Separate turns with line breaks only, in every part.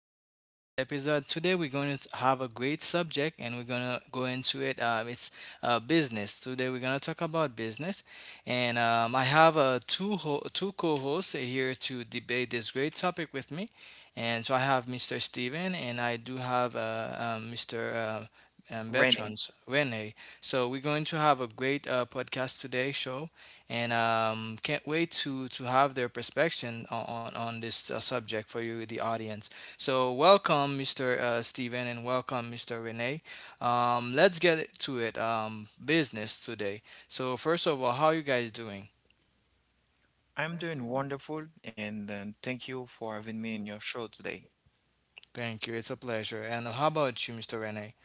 Welcome to this great episode. Today we're going to have a great subject and we're going to go into it. It's business. Today we're going to talk about business. And I have two co hosts here to debate this great topic with me. And so I have Mr. Steven and I do have Mr.
Renee,
Bertrand Rene. So we're going to have a great podcast today show and can't wait to have their perspective on this subject for you, the audience. So welcome, Mr. Steven, and welcome, Mr. Renee. Let's get to it. Business today. So first of all, how are you guys doing?
I'm doing wonderful and thank you for having me in your show today.
Thank you. It's a pleasure. And how about you, Mr. Renee?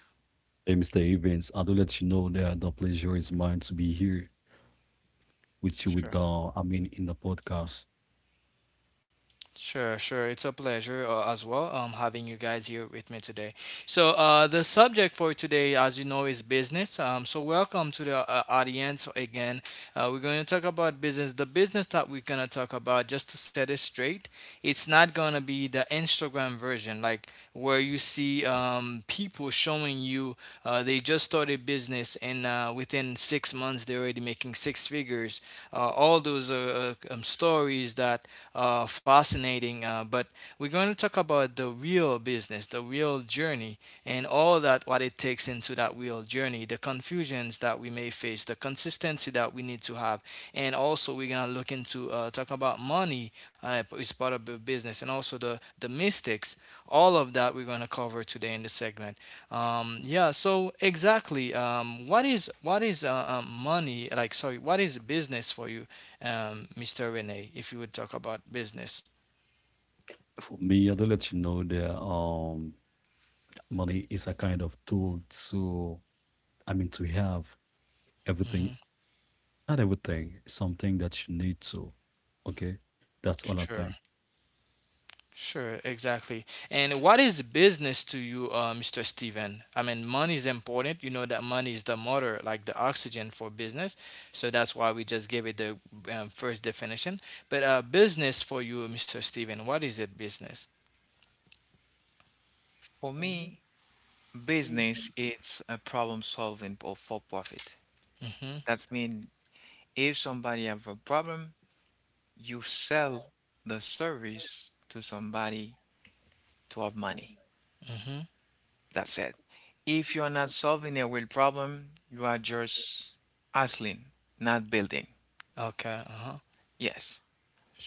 Hey, Mr. Evans, I do let you know that the pleasure is mine to be here with you with
Sure.
in the podcast.
Sure, sure. It's a pleasure as well, having you guys here with me today. So, the subject for today, as you know, is business. So, welcome to the audience again. We're going to talk about business. The business that we're going to talk about, just to set it straight, it's not going to be the Instagram version, like where you see people showing you they just started business and within 6 months they're already making six figures. All those are stories that fascinating. But we're going to talk about the real business, the real journey, and all that what it takes into that real journey, the confusions that we may face, the consistency that we need to have, and also we're gonna look into talk about money is part of the business, and also the mistakes. All of that we're gonna cover today in the segment. Yeah. So exactly, what is money like? Sorry, what is business for you? Mr. Rene, if you would talk about business.
For me, I do let you know that money is a kind of tool to, to have everything,
Hmm.
not everything, something that you need to. Okay, that's all I
Sure,
think,
sure, exactly. And what is business to you, Mr. Steven? I mean, money is important. You know that money is the motor, like the oxygen for business. So that's why we just gave it the first definition. But business for you, Mr. Steven, what is it business?
For me, business it's a problem solving or for profit.
Mm-hmm,
That means if somebody have a problem, you sell the service to somebody to have money.
mm-hmm.
That's it. If you're not solving a real problem, you are just hustling, not building.
Okay, uh-huh.
Yes.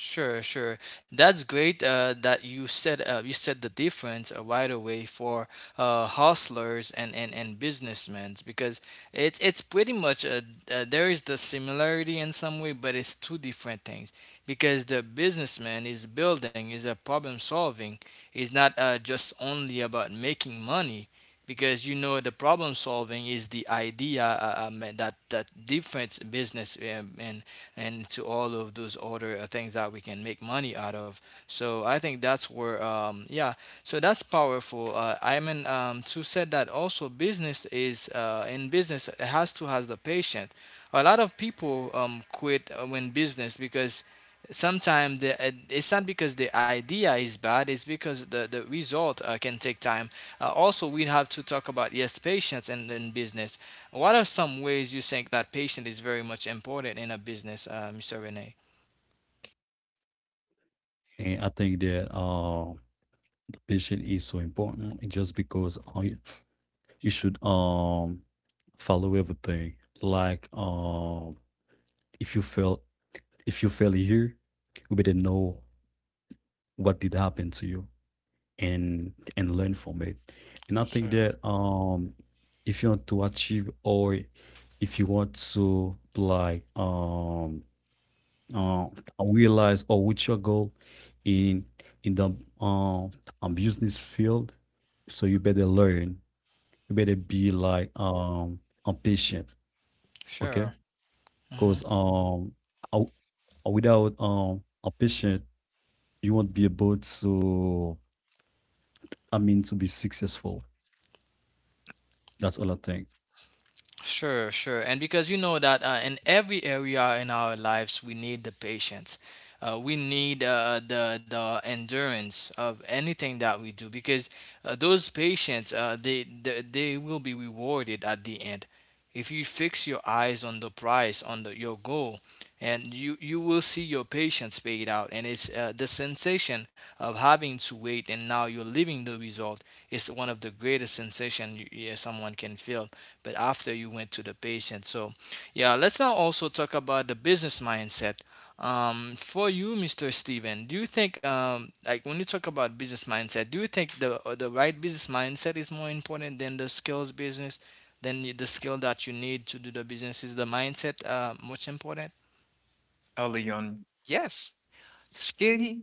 Sure, sure. That's great that you said the difference right away for hustlers and businessmen because it's pretty much there is the similarity in some way, but it's two different things because the businessman is building, is a problem solving, is not just only about making money because you know the problem solving is the idea that difference business, and to all of those other things that we can make money out of. So I think that's where, yeah, so that's powerful, I mean, to said that also business is in business it has to has the patient. A lot of people quit when business because sometimes it's not because the idea is bad, it's because the result can take time. Also we have to talk about, yes, patience in business. What are some ways you think that patience is very much important in a business, Mr. Rene?
and I think that the patient is so important, and just because you you should follow everything, like if you fail if you fail here, you better know what did happen to you and learn from it. And I think
Sure.
that if you want to achieve or if you want to uh, realize or reach your goal in in the um, business field, so you better learn. You better be patient, okay?
Sure. Mhm.
Because without a patient. You won't be able to, I mean, to be successful. That's all I think.
Sure, sure. And because you know that in every area in our lives, we need the patience. We need the endurance of anything that we do because those patients they will be rewarded at the end. If you fix your eyes on the prize, on your goal, and you will see your patience paid out, and it's the sensation of having to wait and now you're living the result is one of the greatest sensation yeah, someone can feel but after you went to the patient. So, yeah, let's now also talk about the business mindset. For you, Mr. Steven, do you think, like when you talk about business mindset, do you think the right business mindset is more important than the skills business, than the skill that you need to do the business? Is the mindset much important?
Early on, yes. Skill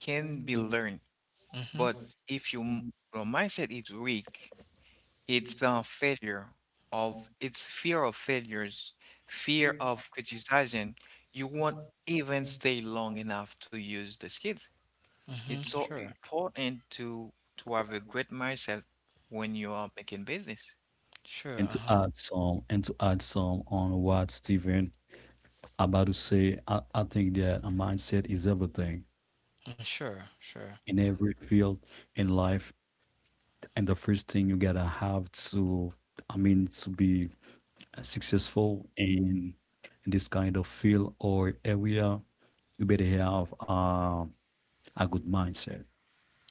can be learned.
Mm-hmm.
But if you, your mindset is weak, it's a failure of, it's fear of failures, fear of criticizing, you won't even stay long enough to use the skills.
Mm-hmm.
It's so
Sure.
important to have a great mindset when you are making business.
Sure.
And to
Uh-huh.
add some, and to add some on what Stephen about to say, I think that a mindset is everything
Mm, sure. Sure.
in every field in life. And the first thing you gotta have to be successful in this kind of field or area, you better have a good mindset.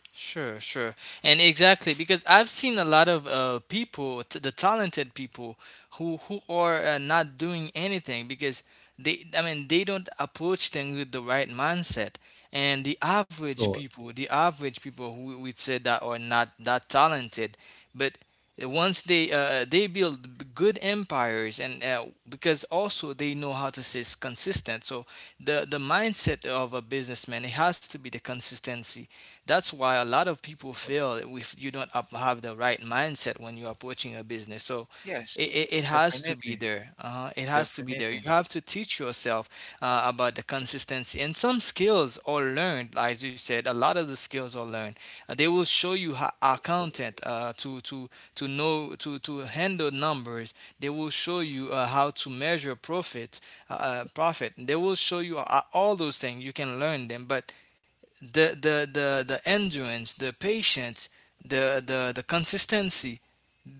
Sure, sure. And exactly because I've seen a lot of the talented people who are not doing anything because they I mean, they don't approach things with the right mindset. And the
So,
average people, the average people who we said that are not that talented, but once they build good empires and because also they know how to stay consistent. So the mindset of a businessman it has to be the consistency. That's why a lot of people fail if you don't have the right mindset when you're approaching a business. So it,
Yes,
it, it has to be
definitely,
there. It has to be there. You
definitely.
have to teach yourself about the consistency. And some skills are learned, as you said, a lot of the skills are learned. They will show you how accountant to know, to handle numbers. They will show you how to measure profit, profit. They will show you all those things. You can learn them. But the endurance, the patience, the consistency.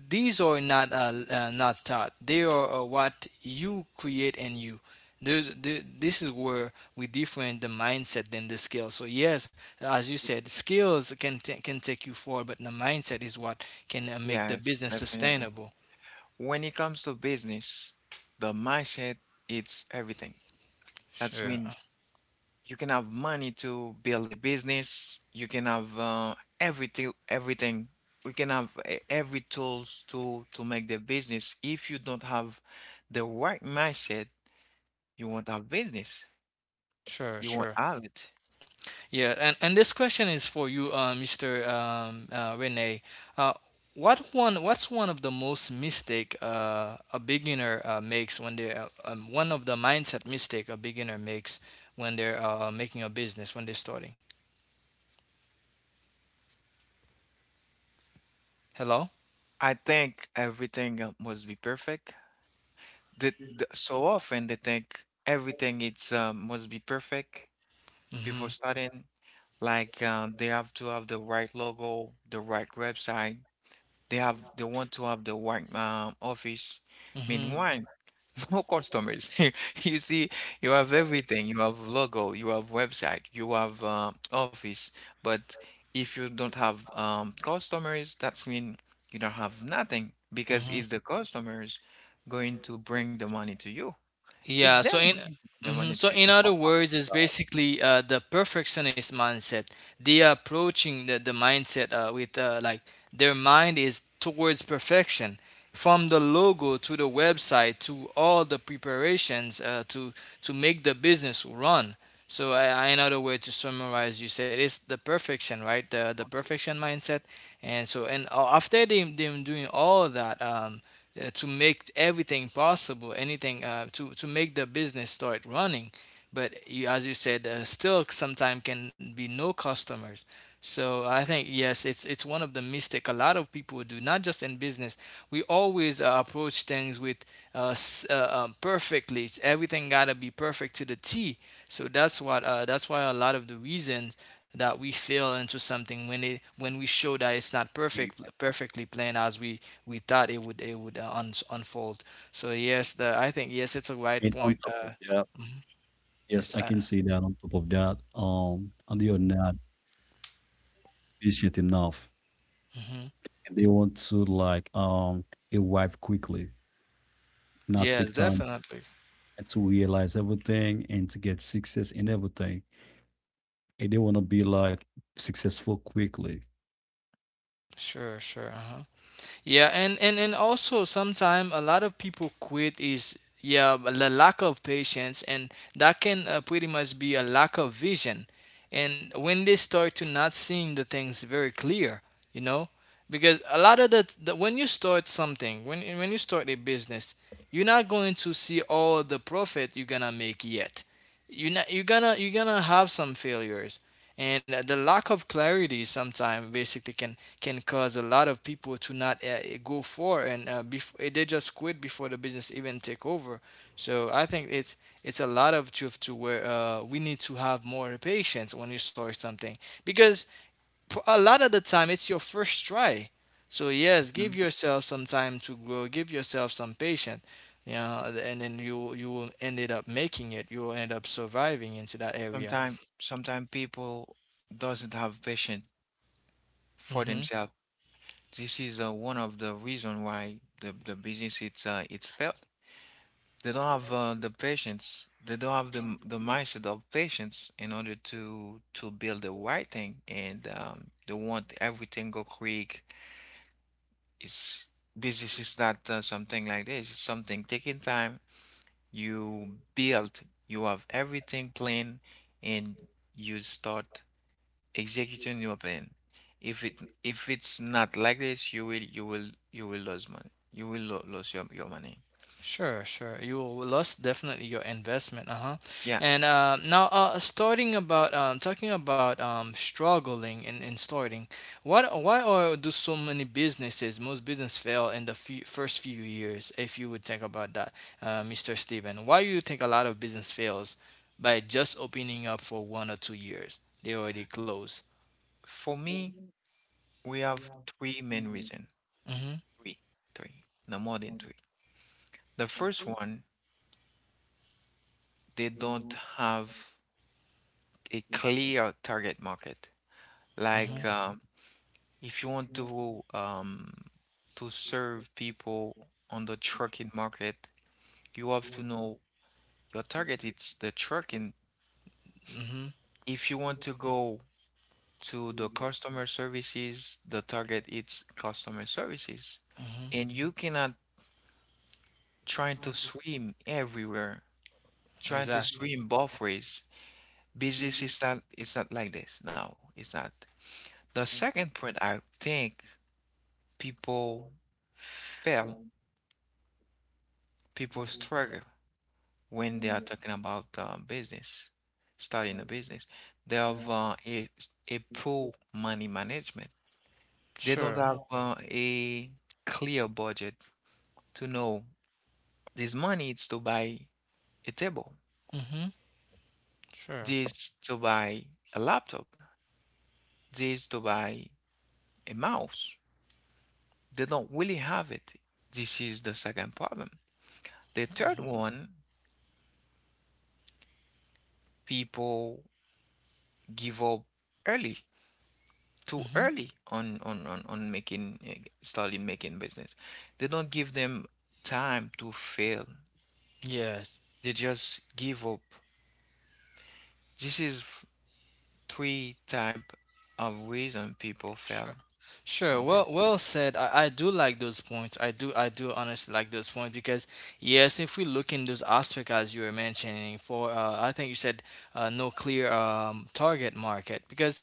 These are not not taught. They are what you create in you. This is where we differ in the mindset than the skill. So yes, as you said, skills can take you forward, but the mindset is what can make the
Yes,
business
definitely.
sustainable.
When it comes to business, the mindset it's everything. That's
Sure,
mean you can have money to build a business, you can have everything, we can have every tools to make the business. If you don't have the right mindset, you won't have business,
sure,
you won't
sure.
have it.
Yeah, and this question is for you, Mr. Rene. Uh, What's one of the most mistake a beginner makes when they one of the mindset mistake a beginner makes when they're making a business when they're starting? Hello.
I think everything must be perfect. So often they think everything it's must be perfect before
Mm-hmm.
starting. Like they have to have the right logo, the right website. They want to have the white office.
Mm-hmm.
Meanwhile, no customers. You see, you have everything. You have logo, you have website, you have office. But if you don't have customers, that's mean you don't have nothing because
Mm-hmm.
it's the customers going to bring the money to you. It's
Yeah,
them
so in
going to bring the
mhm,
money
so
to
in other words, it's basically the perfectionist mindset. They are approaching the mindset with like their mind is towards perfection, from the logo to the website to all the preparations to make the business run. So in other words, to summarize, you said it's the perfection, right? The perfection mindset, and so and after them doing all of that, to make everything possible, anything to make the business start running. But you, as you said, still sometimes can be no customers. So I think, yes, it's one of the mistake a lot of people do, not just in business. We always approach things with perfectly. Everything gotta be perfect to the T. That's why a lot of the reasons that we fail into something when we show that it's not
and
perfectly planned as we thought it would unfold. So yes, the I think, yes, it's a right
and on
point.
top of that, yes,
It's
I can see that on top of that, and they are not patient enough.
mhm.
And they want to a wife quickly, not take
Yes,
time
definitely.
and to realize everything and to get success in everything. And they wanna be like successful quickly.
Sure, sure. Uh huh. Yeah, and also sometimes a lot of people quit is, yeah, the lack of patience, and that can pretty much be a lack of vision. And when they start to not seeing the things very clear, you know, because a lot of the when you start something, when you start a business, you're not going to see all the profit you're gonna make yet. You're not you're gonna have some failures, and the lack of clarity sometimes basically can cause a lot of people to not go for and before they just quit before the business even take over. So I think it's a lot of truth to where we need to have more patience when you start something because a lot of the time it's your first try. So yes, give
you.
yourself some time to grow. Give yourself some patience. And then you will ended up making it. You will end up surviving into that area.
Sometimes people doesn't have patience for
Mm-hmm.
themselves. This is one of the reason why the business it's failed. They don't have the patience. They don't have the mindset of patience in order to build the right thing, and they want everything go quick. It's Business is not something like this. It's something taking time. You build. You have everything planned, and you start executing your plan. If it if it's not like this, you will lose money. You will lo lose your money.
Sure, sure. You will lost definitely your investment, uh-huh.
Yeah.
And now, starting about talking about struggling and starting, what why are do so many businesses, most business fail in first few years? If you would think about that, Mr. Steven, why you think a lot of business fails by just opening up for 1 or 2 years? They already close.
For me, we have three main reason.
Mm-hmm.
Three, three, no more than three. The first one, they don't have a clear target market.
Mm-hmm.
Like if you want to serve people on the trucking market, you have to know your target. It's the trucking.
Mm-hmm.
If you want to go to the customer services, the target is customer services.
Mm-hmm.
And you cannot try to swim everywhere, trying to
Exactly.
swim both ways. Business is not, it's not like this. No, it's not. The second point, I think people fail, people struggle when they are talking about business, starting a business. They have a poor money management. They don't
Sure.
have a clear budget to know this money is to buy a table.
Mm-hmm. Sure.
This to buy a laptop. This to buy a mouse. They don't really have it. This is the second problem. The third one, people give up early, too
Mm-hmm.
early on starting making business. They don't give them time to fail.
Yes.
They just give up. This is three type of reason people
Sure.
fail
Sure.
on business.
Well, well said. I do like those points. I do honestly like those points because yes, if we look in those aspects as you were mentioning for I think you said no clear target market because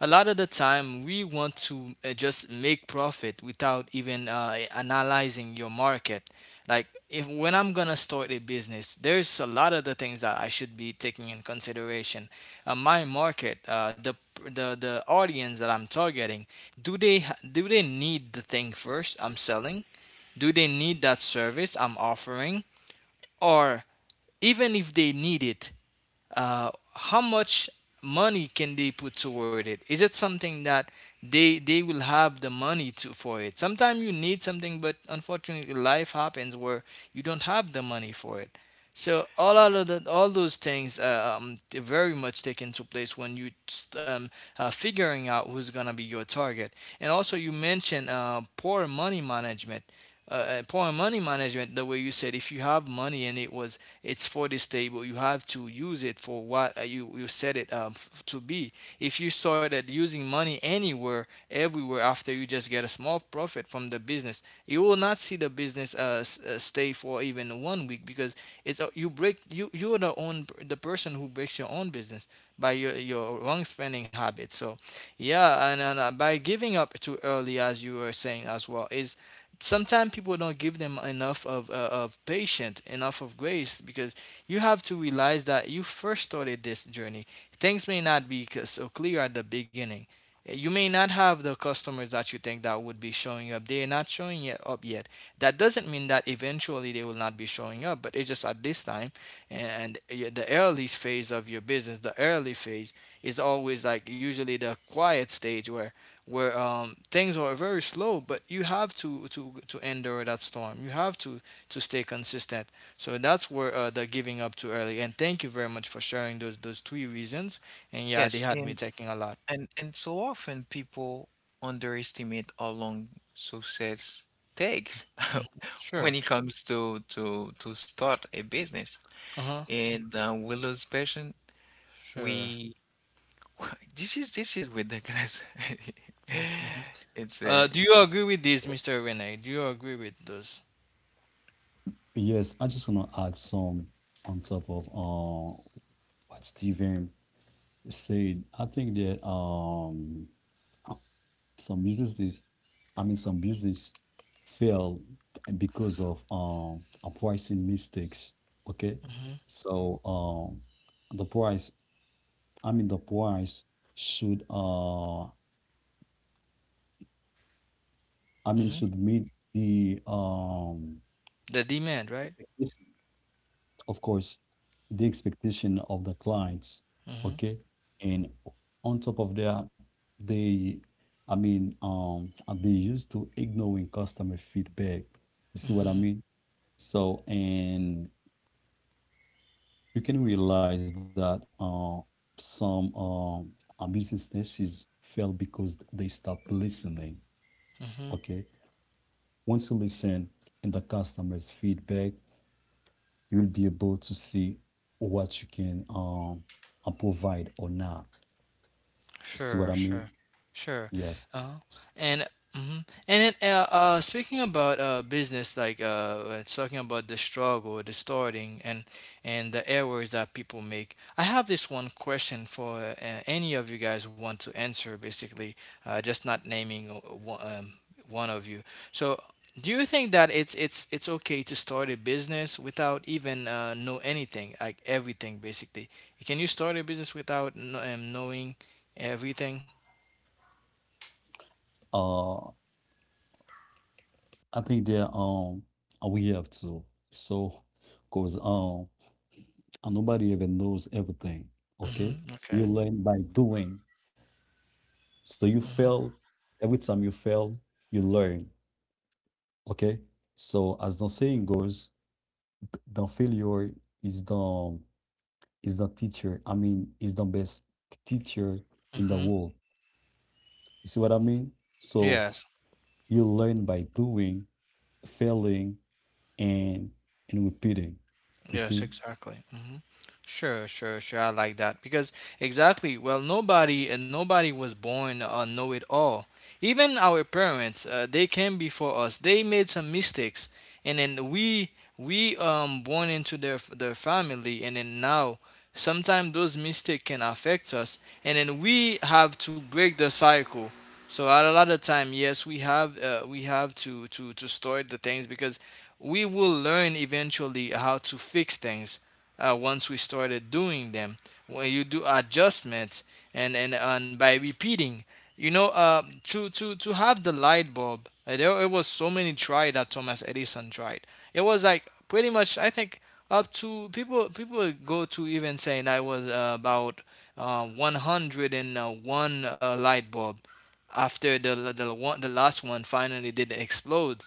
a lot of the time we want to just make profit without even analyzing your market. Like if when I'm gonna start a business, there's a lot of the things that I should be taking in consideration. My market, the the audience that I'm targeting, do they do they need the thing first I'm selling, do they need that service I'm offering, or even if they need it, how much money can they put toward it, is it something that they will have the money to for it? Sometimes you need something but unfortunately life happens where you don't have the money for it. So all those things they very much take into place when you um, figuring out who's gonna be your target. And also you mentioned poor money management. Uh, poor money management. The way you said, if you have money and it's for this table. You have to use it for what you set it to be. If you started using money anywhere, everywhere after you just get a small profit from the business, you will not see the business stay for even 1 week because it's you break you are the person who breaks your own business by your wrong spending habits. So yeah, and by giving up too early, as you were saying as well, is sometimes people don't give them enough of patience, enough of grace, because you have to realize that you first started this journey. Things may not be so clear at the beginning. You may not have the customers that you think that would be showing up. They are not showing yet up yet. That doesn't mean that eventually they will not be showing up, but it's just at this time and the early phase of your business, the early phase is always like usually the quiet stage where where things are very slow, but you have to endure that storm. You have to stay consistent. So that's where the giving up too early. And thank you very much for sharing those three reasons. And yeah, they
Yes,
had me
and
taking a lot.
and so often people underestimate how long success takes when
Sure.
it comes to start a business.
Uh huh.
And we lose patience.
Sure.
We this is ridiculous. It's a
Do you agree with this, Mister Renee? Do you agree with those?
Yes, I just wanna add some on top of what Steven said. I think that uh, some businesses, I mean, some business fail because of pricing mistakes. Okay,
Mm-hmm.
so the price, I mean, the price should I mean
Mm-hmm.
should meet the
The demand, right?
expectation, of course the expectation of the clients. Okay, and on top of that, they I mean are they used to ignoring customer feedback. You see what
Mm-hmm.
I mean? So, and you can realize that some abuse instances fail because they stop listening.
Mm-hmm.
Okay, once you listen in the customer's feedback, you will be able to see what you can provide or not. See
Sure,
what I
sure,
mean?
sure.
Yes.
Uh, and mhm. and then speaking about business, like when it's talking about the struggle, the starting, and the errors that people make. I have this one question for any of you guys want to answer, basically, just not naming one, one of you. So, do you think that it's okay to start a business without even know anything, like everything, basically? Can you start a business without knowing? Everything.
Uh, I think that we have to. So, cause nobody even knows everything. Okay,
Mhm,
so
okay.
you learn by doing. So you
Mhm,
fail, every time you fail, you learn, okay? So as the saying goes, the failure is the is the teacher. I mean, is the best teacher in the
mhm.
world. You see what I mean? So
Yes.
you learn by doing, failing, and repeating. You
Yes,
see?
exactly. Hmm. Sure, sure, sure. I like that because exactly. Well, nobody was born a know-it-all. Even our parents, they came before us. They made some mistakes, and then we born into their family, and then now sometimes those mistakes can affect us, and then we have to break the cycle. So at a lot of time, yes, we have to store the things because we will learn eventually how to fix things once we started doing them. When you do adjustments and by repeating, you know, to have the light bulb, there it was so many try that Thomas Edison tried. It was like pretty much I think up to people go to even saying I was about 101 light bulb after the last one finally did explode.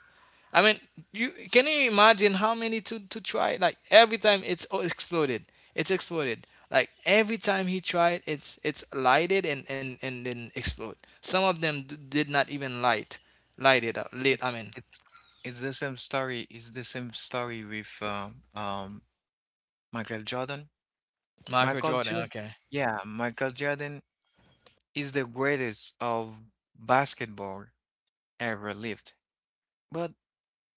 I mean, you can you imagine how many to try? Like every time it's oh, exploded, it's exploded. Like every time he tried, it's lighted and then explode. Some of them did not even light, light it up. Lit. I
it's
mean,
it's it's the same story. It's the same story with Michael Jordan.
Michael
Michael
Jordan.
Jordan,
Okay.
yeah, Michael Jordan is the greatest of basketball ever lived. But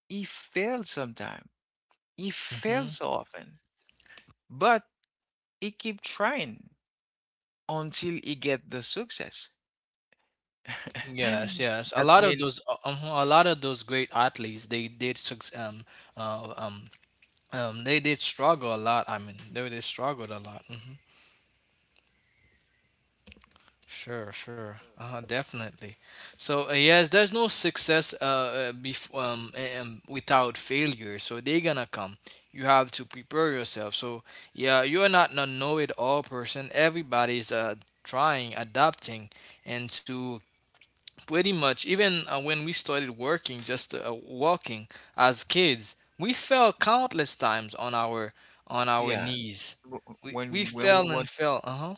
he failed sometime. He failed
Hmm.
so often. But he keep trying until he get the success.
Yes, yes. A lot
That's
of
mean,
those, a lot of those great athletes, they did uh, um, they did struggle a lot. I mean, they struggled a lot. Mm-hmm. Sure, sure. Uh-huh, definitely. So, yes, there's no success without failure. So, they're gonna come. You have to prepare yourself. So, yeah, you're not a know it all person. Everybody's trying, adapting, and to pretty much, even when we started working, just walking as kids, we fell countless times on our
yeah.
knees.
w- w-
We fell and fell. Uh huh.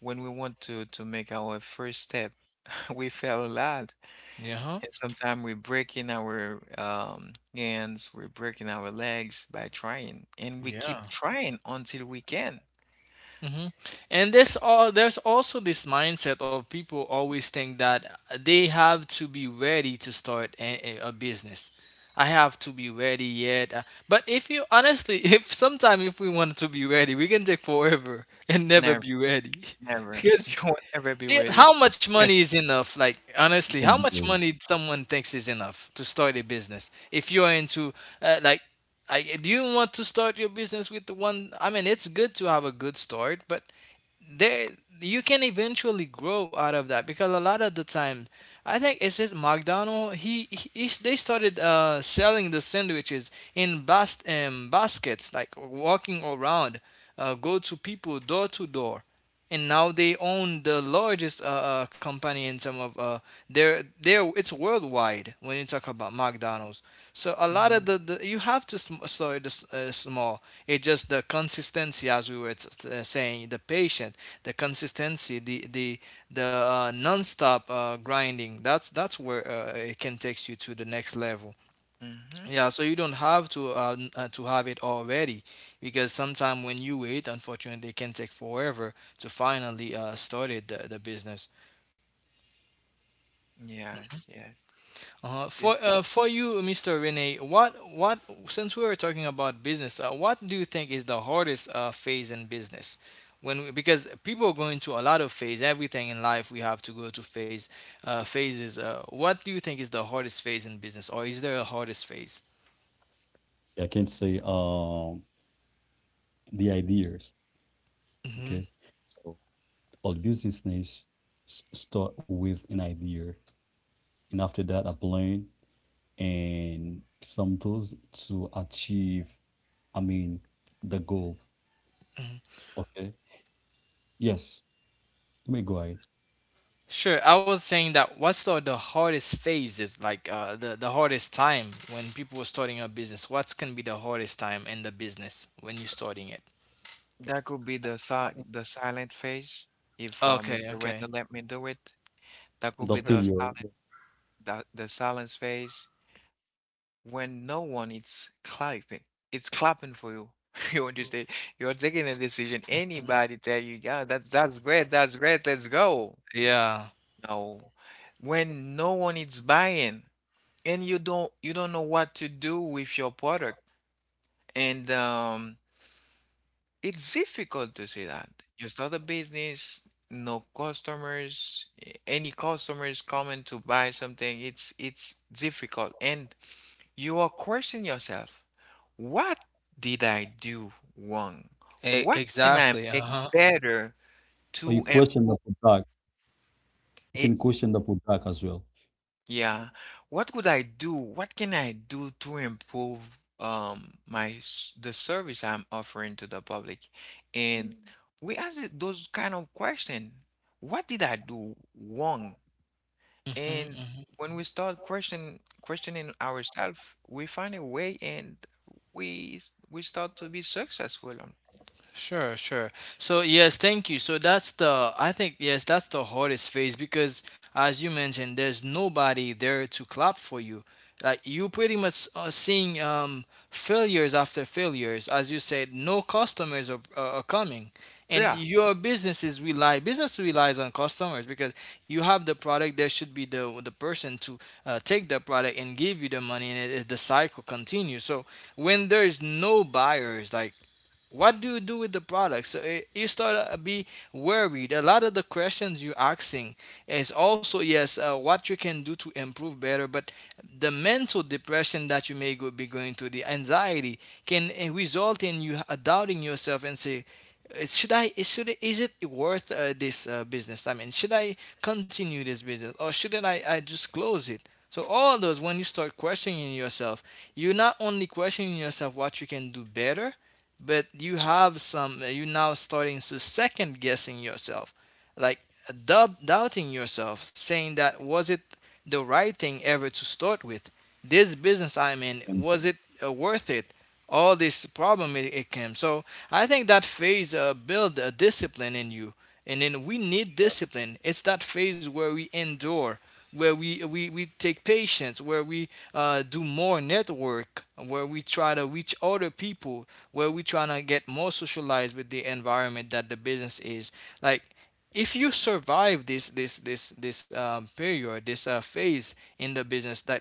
when we want to make our first step, we fail a lot,
Yeah. Huh.
and sometimes we're breaking our hands, we're breaking our legs by trying, and we
Yeah.
keep trying until we can.
Hmm. And there's also this mindset of people always think that they have to be ready to start a business. I have to be ready yet. But if you honestly, if sometime if we want to be ready, we can take forever and never
Never,
be ready
never. You
because
won't ever be
it,
ready.
how much money is enough? Like honestly, how much money someone thinks is enough to start a business? If you're into uh, like do you want to start your business with the one? I mean, it's good to have a good start, but there you can eventually grow out of that because a lot of the time I think it's it McDonald, he's- they started selling the sandwiches in baskets like walking around, go to people door to door, and now they own the largest company in some of their it's worldwide when you talk about McDonald's. So a lot
Mm-hmm.
of the you have to slow it small. It's just the consistency, as we were saying, the patient, the consistency, the nonstop grinding. That's where it can take you to the next level.
Mm-hmm.
Yeah, so you don't have to to have it already, because sometimes when you wait, unfortunately, it can take forever to finally started the business.
Yes, yes. This is,
For you, Mr. Rene, what since we were talking about business, what do you think is the hardest phase in business? When we, because people go into a lot of phase, everything in life we have to go to phase phases. What do you think is the hardest phase in business, or is there a hardest phase?
I can say the ideas,
Hmm.
okay? So all business needs start with an idea, and after that, a plan, and some tools to achieve, I mean, the goal. Okay. Yes. Let me go ahead.
Sure, I was saying that what's the hardest phase is like the hardest time when people are starting a business. What's gonna be the hardest time in the business when you're starting it?
that could be
I mean,
the silent phase. If
Okay,
Mr.
okay,
Wendell let me do it, that could
the
be
sure.
the
failure.
silent the, the silence phase. When no one is clapping, it's clapping for you, you understand? You're taking a decision, anybody tell you, yeah, that's great, that's great, let's go.
Yeah,
No. When no one is buying and you don't know what to do with your product, and it's difficult to say that you start a business, no customers, any customers coming to buy something, it's difficult. And you are questioning yourself. What did I do wrong?
e
What can I
exactly.
make
Uh-huh.
better
Or
to
you
improve
question the product. You
it?
can question the product as well.
Yeah. What could I do? What can I do to improve the service I'm offering to the public? And we ask those kind of question. What did I do wrong?
Hmm.
And
Hmm.
when we start questioning ourselves, we find a way, and we start to be successful.
Sure, sure. So yes, thank you. So that's the I think yes, that's the hardest phase because as you mentioned, there's nobody there to clap for you. Like you pretty much are seeing failures after failures. As you said, no customers are coming. And
Yeah.
your business relies on customers because you have the product. There should be the person to take the product and give you the money, and the cycle continues. So when there is no buyers, like what do you do with the product? So eh, you start to be worried. A lot of the questions you're asking is also yes, what you can do to improve better, but the mental depression that you may be going through, the anxiety can eh, result in you doubting yourself and say, should it, is it worth this business? I mean, should I continue this business or shouldn't I just close it? So all those when you start questioning yourself, you're not only questioning yourself what you can do better, but you have some you now starting to second guessing yourself like doubting yourself saying that was it the right thing ever to start with this business I'm in,
And
was it worth it all this problem it came. So I think that phase build a discipline in you, and then we need discipline. It's that phase where we endure, where we take patience, where we do more network, where we try to reach other people, where we trying to get more socialized with the environment that the business is. Like, if you survive this period, this phase in the business, that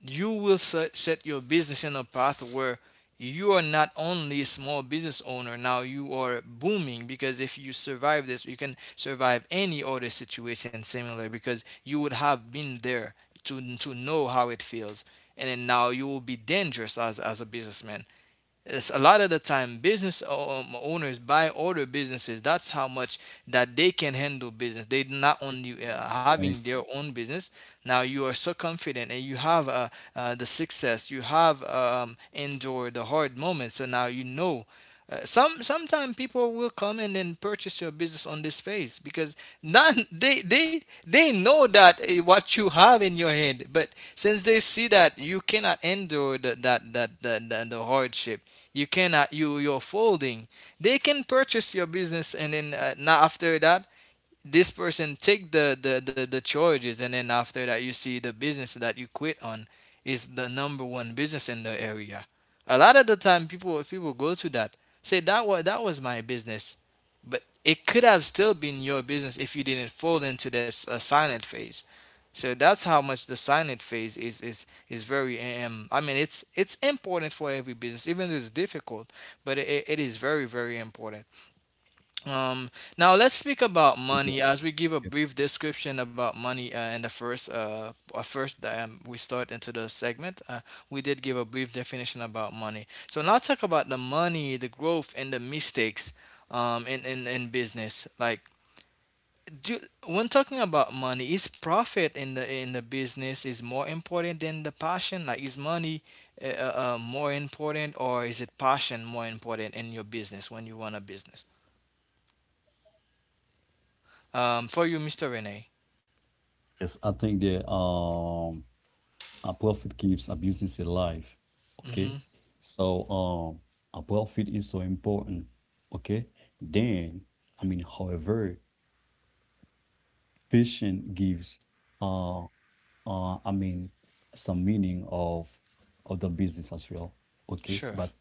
you will set your business in a path where you are not only a small business owner, now you are booming. Because if you survive this you can survive any other situation similar, because you would have been there to know how it feels. And then now you will be dangerous as a businessman. It's a lot of the time business owners buy other businesses. That's how much that they can handle business. They not only
thank
having their own business. Now you are so confident and you have the success. You have endured the hard moments. So now you know. Sometimes people will come in and purchase your business on this phase because none, they know that what you have in your hand. But since they see that you cannot endure the, that that that the hardship, you cannot, you're folding, they can purchase your business. And then now after that, this person take the charges. And then after that you see the business that you quit on is the number one business in the area. A lot of the time people go to that, say that was my business. But it could have still been your business if you didn't fall into this silent phase. So that's how much the silent phase is very I mean it's important for every business, even if it's difficult. But it is very, very important. um, Now let's speak about
you.
money. As we give
Okay.
a brief description about money in the first, we start into the segment. We did give a brief definition about money. So now talk about the money, the growth, and the mistakes in business. Like, do, when talking about money, is profit in the business is more important than the passion? Like is money more important, or is it passion more important in your business when you run a business? For you, Mr. Rene.
Yes, I think that a profit keeps a business alive.
Mm-hmm.
Okay. So a profit is so important. Okay. Then I mean, however, patient gives uh I mean, some meaning of the business as well. Okay,
Sure.
but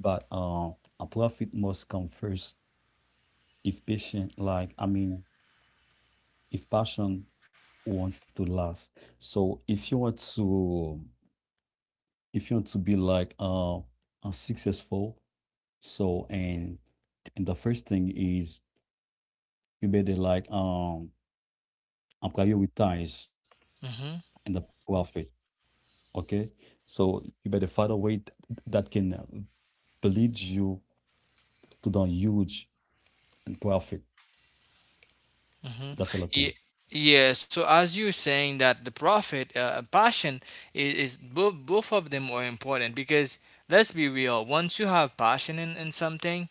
but uh, a profit must come first if patient, like I mean, if passion wants to last. So if you want to be like successful, so and the first thing is you better and prioritize
Mm-hmm.
and the profit. Okay, so you better find a way that can bleed you to done huge and profit,
Mm-hmm.
that sort of
Yeah,
thing.
yeah. So as you're saying that the profit and passion is both, both of them are important, because let's be real. Once you have passion in something,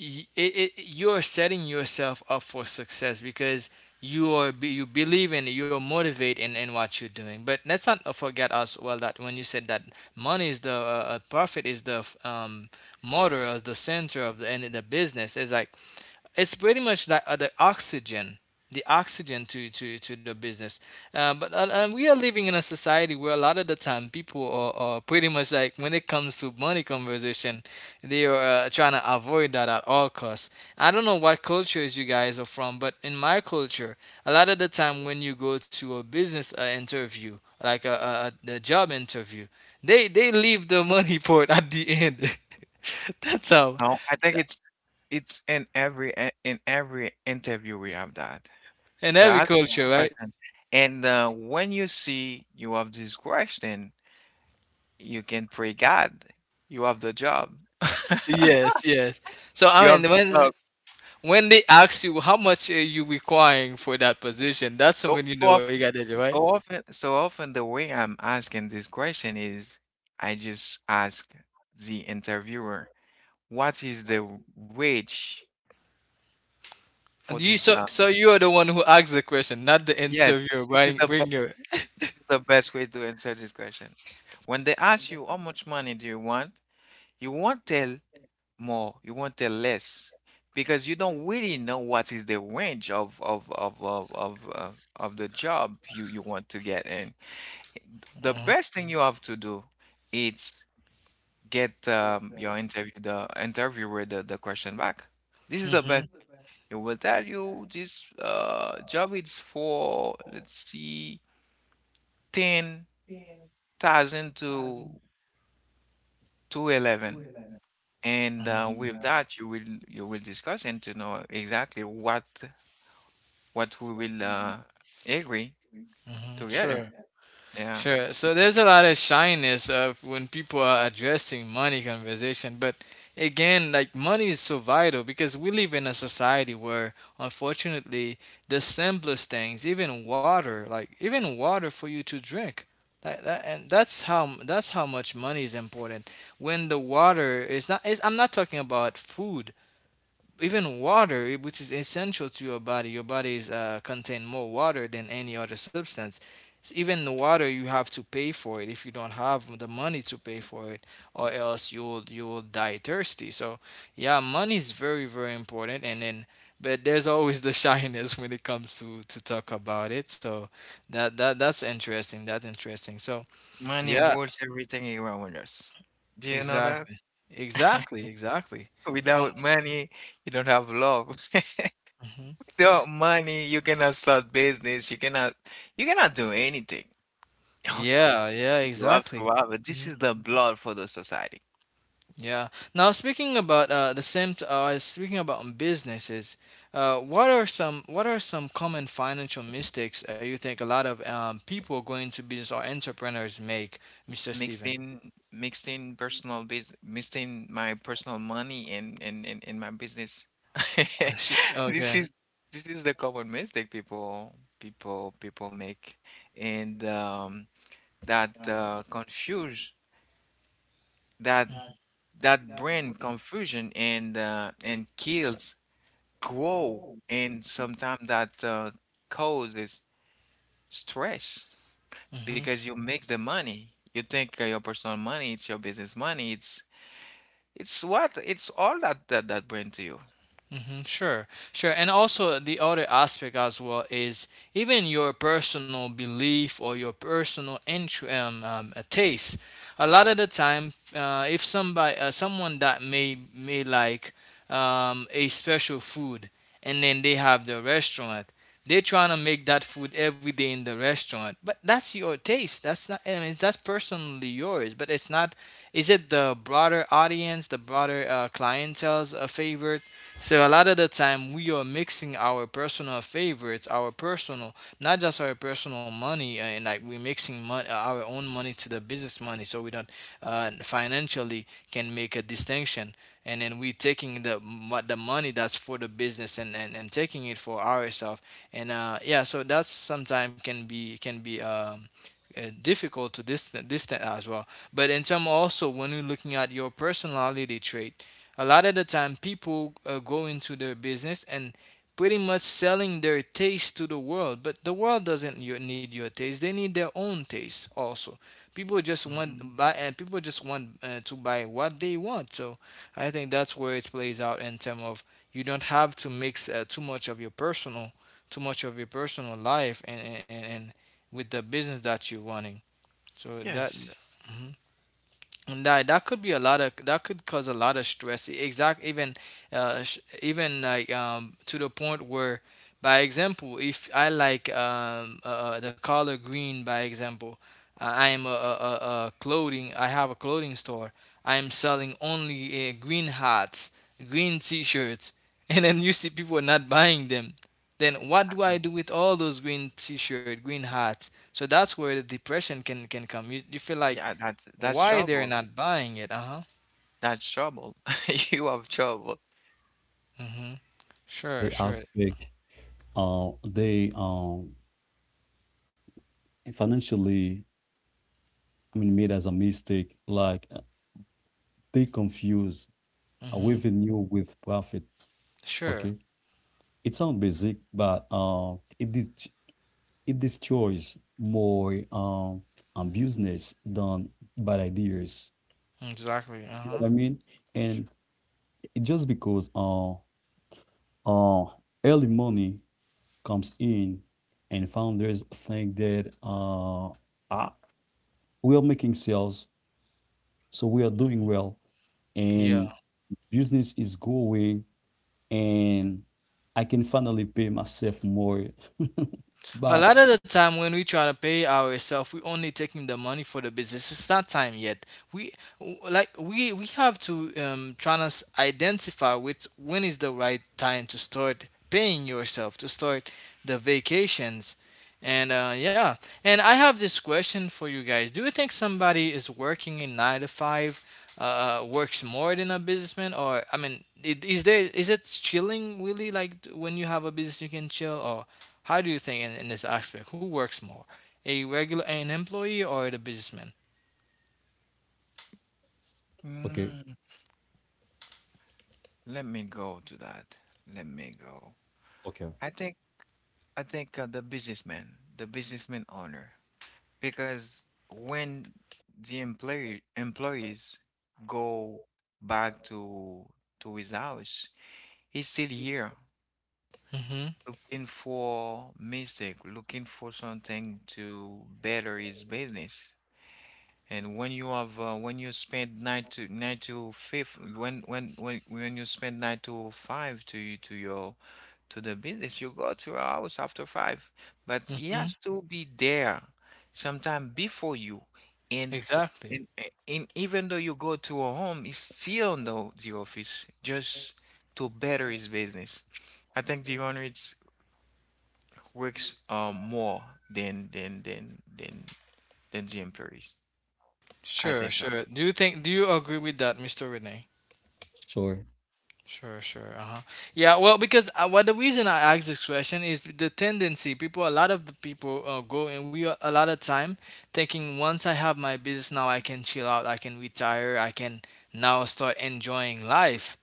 you're setting yourself up for success, because you believe in, you're motivated in what you're doing. But let's not forget as well that when you said that money is the profit is the motor, as the center of the end of the business, is like it's pretty much like the oxygen, the oxygen to the business. But we are living in a society where a lot of the time people are pretty much like when it comes to money conversation, they are trying to avoid that at all costs. I don't know what cultures you guys are from, but in my culture, a lot of the time when you go to a business interview, like a job interview, they leave the money part at the end. That's how,
No, I think it's in every in every interview we have that.
in every
That
culture, right?
question. And when you see you have this question, you can pray God. You have the job.
Yes, yes. So
You
I
have
mean,
the job.
when they ask you how much are you requiring for that position, that's
So,
when you
so
know what you
often,
got to do, right?
so often, the way I'm asking this question is I just ask the interviewer, what is the wage
And
for
you,
this?
so so you are the one who asks the question, not the
Yes,
interviewer.
this
Bringing
is
bring your.
the best way to answer this question. When they ask you how much money do you want, you won't tell more, you won't tell less, because you don't really know what is the range of of the job you want to get in. The
Hmm.
best thing you have to do is get your interview the interviewer the question back. This is the
Hmm.
best. It will tell you this job is for, let's see, 10,000 to 11, and with that you will discuss and to know exactly what we will agree
Hmm. Sure.
together. Yeah,
Sure. So there's a lot of shyness of when people are addressing money conversation. But again, like money is so vital because we live in a society where, unfortunately, the simplest things, even water, like even water for you to drink, like that. And that's how, that's how much money is important. When the water is not, I'm not talking about food, even water, which is essential to your body, your body is contain more water than any other substance. Even the water you have to pay for it. If you don't have the money to pay for it, or else you'll die thirsty. So yeah, money is very, very important. And then, but there's always the shyness when it comes to talk about it. So that's interesting, that's interesting. So
money
yeah,
rules everything around us. Do you know that?
exactly, exactly, exactly. From.
Without money, you don't have love.
Mhm.
Without money, you cannot start business. You cannot do anything. No, no.
Yeah, yeah,
You have to
exactly.
have it. This
Mm-hmm.
is the blood for the society.
Yeah. Now speaking about the same. Speaking about businesses, what are some, what are some common financial mistakes you think a lot of people going to business or entrepreneurs make, Mister Steven?
Mixing my personal money and my business. This
Okay.
is this is the common mistake people make, and that confuse, that that bring confusion, and kills grow, and sometimes that causes stress because you make the money, you think your personal money it's your business money, it's all that bring to you.
Hmm. Sure, sure. And also, the other aspect as well is even your personal belief or your personal taste. A lot of the time, if somebody, someone that may like a special food, and then they have the restaurant, they're trying to make that food every day in the restaurant. But that's your taste. That's not, I mean, that's personally yours. But it's not. Is it the broader audience, the broader clientele's a favorite? So a lot of the time we are mixing our personal favorites, our personal, not just our personal money, and like we're mixing our own money to the business money, so we don't financially can make a distinction. And then we taking the money that's for the business, and taking it for ourselves. And yeah, so that's sometimes can be, can be difficult to distant as well. But in some also, when you're looking at your personality trait, a lot of the time, people go into their business and pretty much selling their taste to the world, but the world doesn't need your taste. They need their own taste also. People just
Mhm.
want buy, and people just want to buy what they want. So I think that's where it plays out in terms of you don't have to mix too much of your personal, too much of your personal life, and with the business that you're running. So that.
Yes.
Mm-hmm. And that could be a lot, of that could cause a lot of stress. Exact, even even like to the point where, by example, if I like the color green, by example, I am a clothing. I have a clothing store. I am selling only green hats, green T-shirts, and then you see people not buying them. Then what do I do with all those green T-shirt, green hats? So that's where the depression can come. You feel like
Yeah, that's
why they're
trouble,
not buying it? Uh-huh.
that's trouble, you have trouble.
Mm-hmm. Sure,
They
sure.
aspect, they financially, I mean, made as a mistake. Like they confuse
Mm-hmm.
revenue with profit.
Sure.
Okay, it sounds basic, but it destroys more business than bad ideas.
Exactly.
See
Uh-huh.
what I mean? And it just because uh early money comes in and founders think that ah, we are making sales, so we are doing well,
Yeah.
and business is going, and I can finally pay myself more.
A
But
lot of the time when we try to pay ourselves, we only taking the money for the business. It's not time yet. We, like we have to try identify with when is the right time to start paying yourself, to start the vacations. And yeah, and I have this question for you guys. Do you think somebody is working in 9 to 5, works more than a businessman? Or I mean, is there, is it chilling really, like when you have a business you can chill? Or how do you think in this aspect, who works more, a regular, an employee, or the businessman?
okay,
Mm, Let me go to that, let me go
okay,
i think I think the businessman, the businessman owner. Because when the employees go back to his house, he's still here
Mm-hmm.
looking for mistake, looking for something to better his business. And when you have when you spend nine to five, when you spend nine to five to the business, you go to your house after five. But he
Mm-hmm.
has to be there sometime before you. And
Exactly.
and, and even though you go to a home, he's still on the office just to better his business. I think the owner, works more than than than than than the employees. I
Sure,
think.
sure. Do you think? Do you agree with that, Mr. Renee?
sure.
Sure, sure. Uh huh. Yeah. Well, because what, the reason I ask this question is the tendency. People, a lot of the people go and we are-, a lot of time thinking, once I have my business now, I can chill out, I can retire, I can now start enjoying life.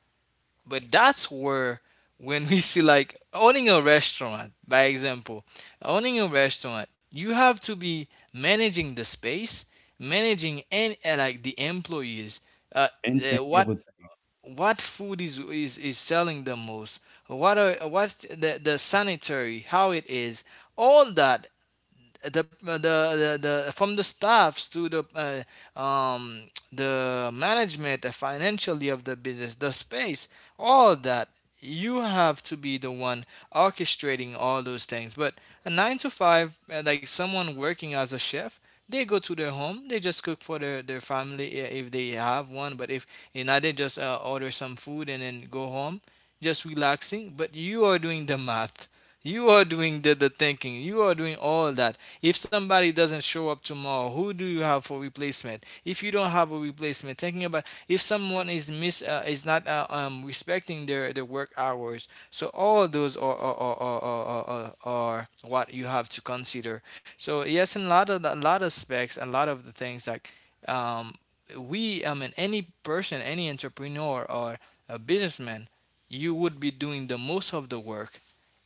But that's where, when we see like owning a restaurant, by example, owning a restaurant, you have to be managing the space, managing and like the employees. Uh,
Maintain
uh, what
everything.
what food is selling the most? What are, what the sanitary, how it is? All that, the from the staffs to the the management, the financially of the business, the space, all that, you have to be the one orchestrating all those things. But a 9 to 5, like someone working as a chef, they go to their home, they just cook for their family, if they have one. But if they just order some food and then go home, just relaxing. But you are doing the math, you are doing the thinking, you are doing all that. If somebody doesn't show up tomorrow, who do you have for replacement? If you don't have a replacement, thinking about if someone is not respecting their work hours. So all of those are what you have to consider. So yes, in a lot of specs, a lot of the things, like um, we I mean any person, any entrepreneur or a businessman, you would be doing the most of the work.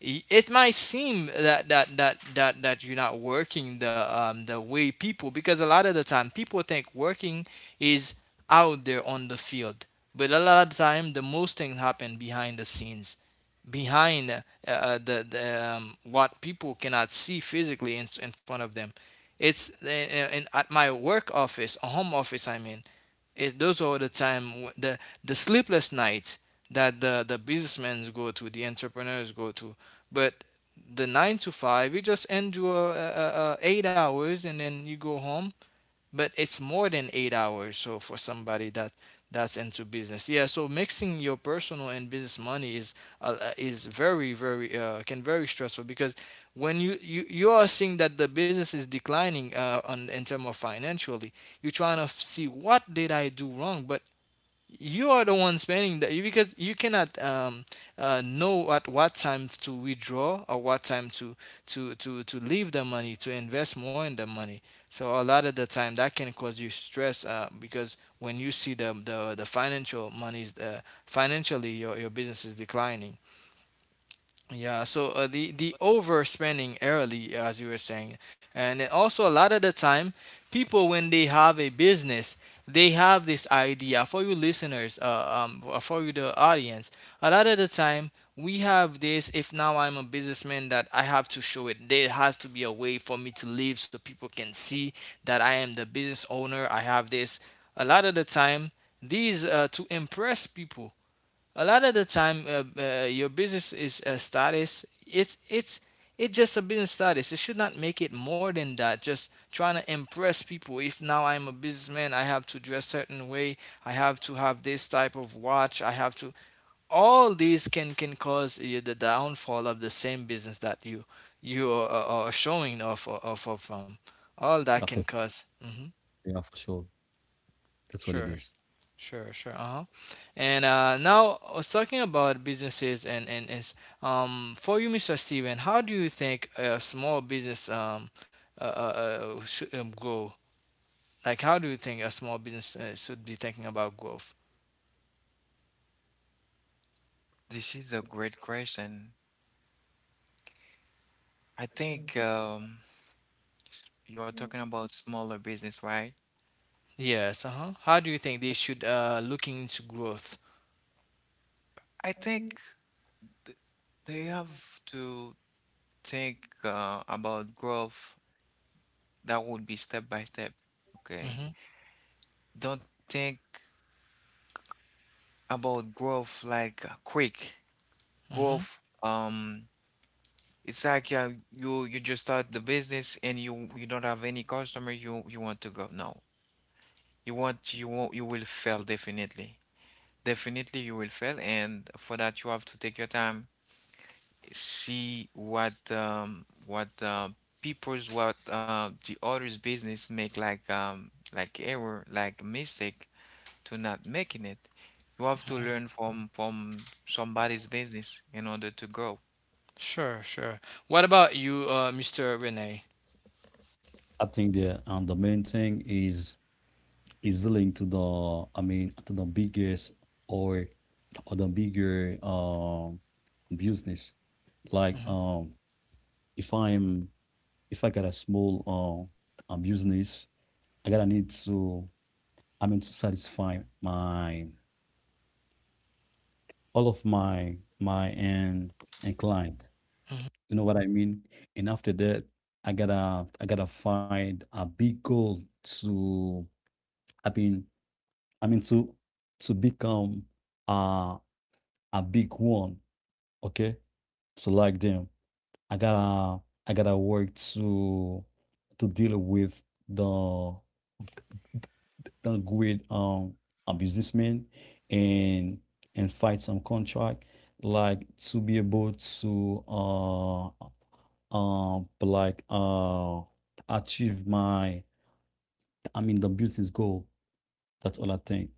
It might seem that you're not working the way people, because a lot of the time people think working is out there on the field, but a lot of the time the most things happen behind the scenes, behind the what people cannot see physically in front of them. It's In, at my work office, a home office. I mean, it, those are the time, the sleepless nights that the businessmen go to, the entrepreneurs go to. But the nine to five, you just endure 8 hours and then you go home, but it's more than 8 hours. So for somebody that that's into business, yeah. So mixing your personal and business money is very stressful, because when you you are seeing that the business is declining on in terms of financially, you're trying to see what did I do wrong. But you are the one spending that, because you cannot know at what time to withdraw or what time to to leave the money to invest more in the money. So a lot of the time that can cause you stress, because when you see the financial monies, financially your business is declining. Yeah, so the overspending early, as you were saying, and then also a lot of the time, people when they have a business, they have this idea. For you listeners, for you the audience, a lot of the time we have this. If now I'm a businessman, that I have to show it. There has to be a way for me to live, so people can see that I am the business owner. I have this. A lot of the time, these to impress people. A lot of the time, your business is a status. It's it's just a business status. It should not make it more than that. Just trying to impress people. If now I am a businessman, I have to dress certain way, I have to have this type of watch, I have to, all these can cause you the downfall of the same business that you you are showing off off of from. All that
Yeah,
can
for,
because hmm
yeah, for sure. That's what it
sure.
is.
Sure, sure. Uh-huh. And now I was talking about businesses and is for you, Mr. Steven, how do you think a small business uh, uh, should grow? Like, how do you think a small business should be thinking about growth?
This is a great question. I think you are talking about smaller business, right?
Yes, uh-huh. How do you think they should looking into growth?
I think th- they have to think about growth. That would be step by step. Okay.
Mm-hmm.
Don't think about growth like quick
Mm-hmm.
growth. It's like you just start the business and you don't have any customer. You want to go. No, you want you won't you will fail definitely. Definitely you will fail, and for that you have to take your time, see what people's, what the others' business make, like error, like mistake, to not making it. You have to learn from somebody's business in order to grow.
Sure, sure. What about you, Mr. Renee?
I think the main thing is dealing to the, I mean, to the biggest or the bigger business, like
Mm-hmm.
if I'm, if I got a small business, I gotta need to, I mean, to satisfy my all of my my and client.
Mm-hmm.
You know what I mean? And after that, I gotta find a big goal to, i mean I mean, to become a a big one. Okay, so like them, i gotta I gotta work to deal with the a great a businessman and fight some contract, like to be able to um uh, like uh achieve my, I mean, the business goal. That's all I think.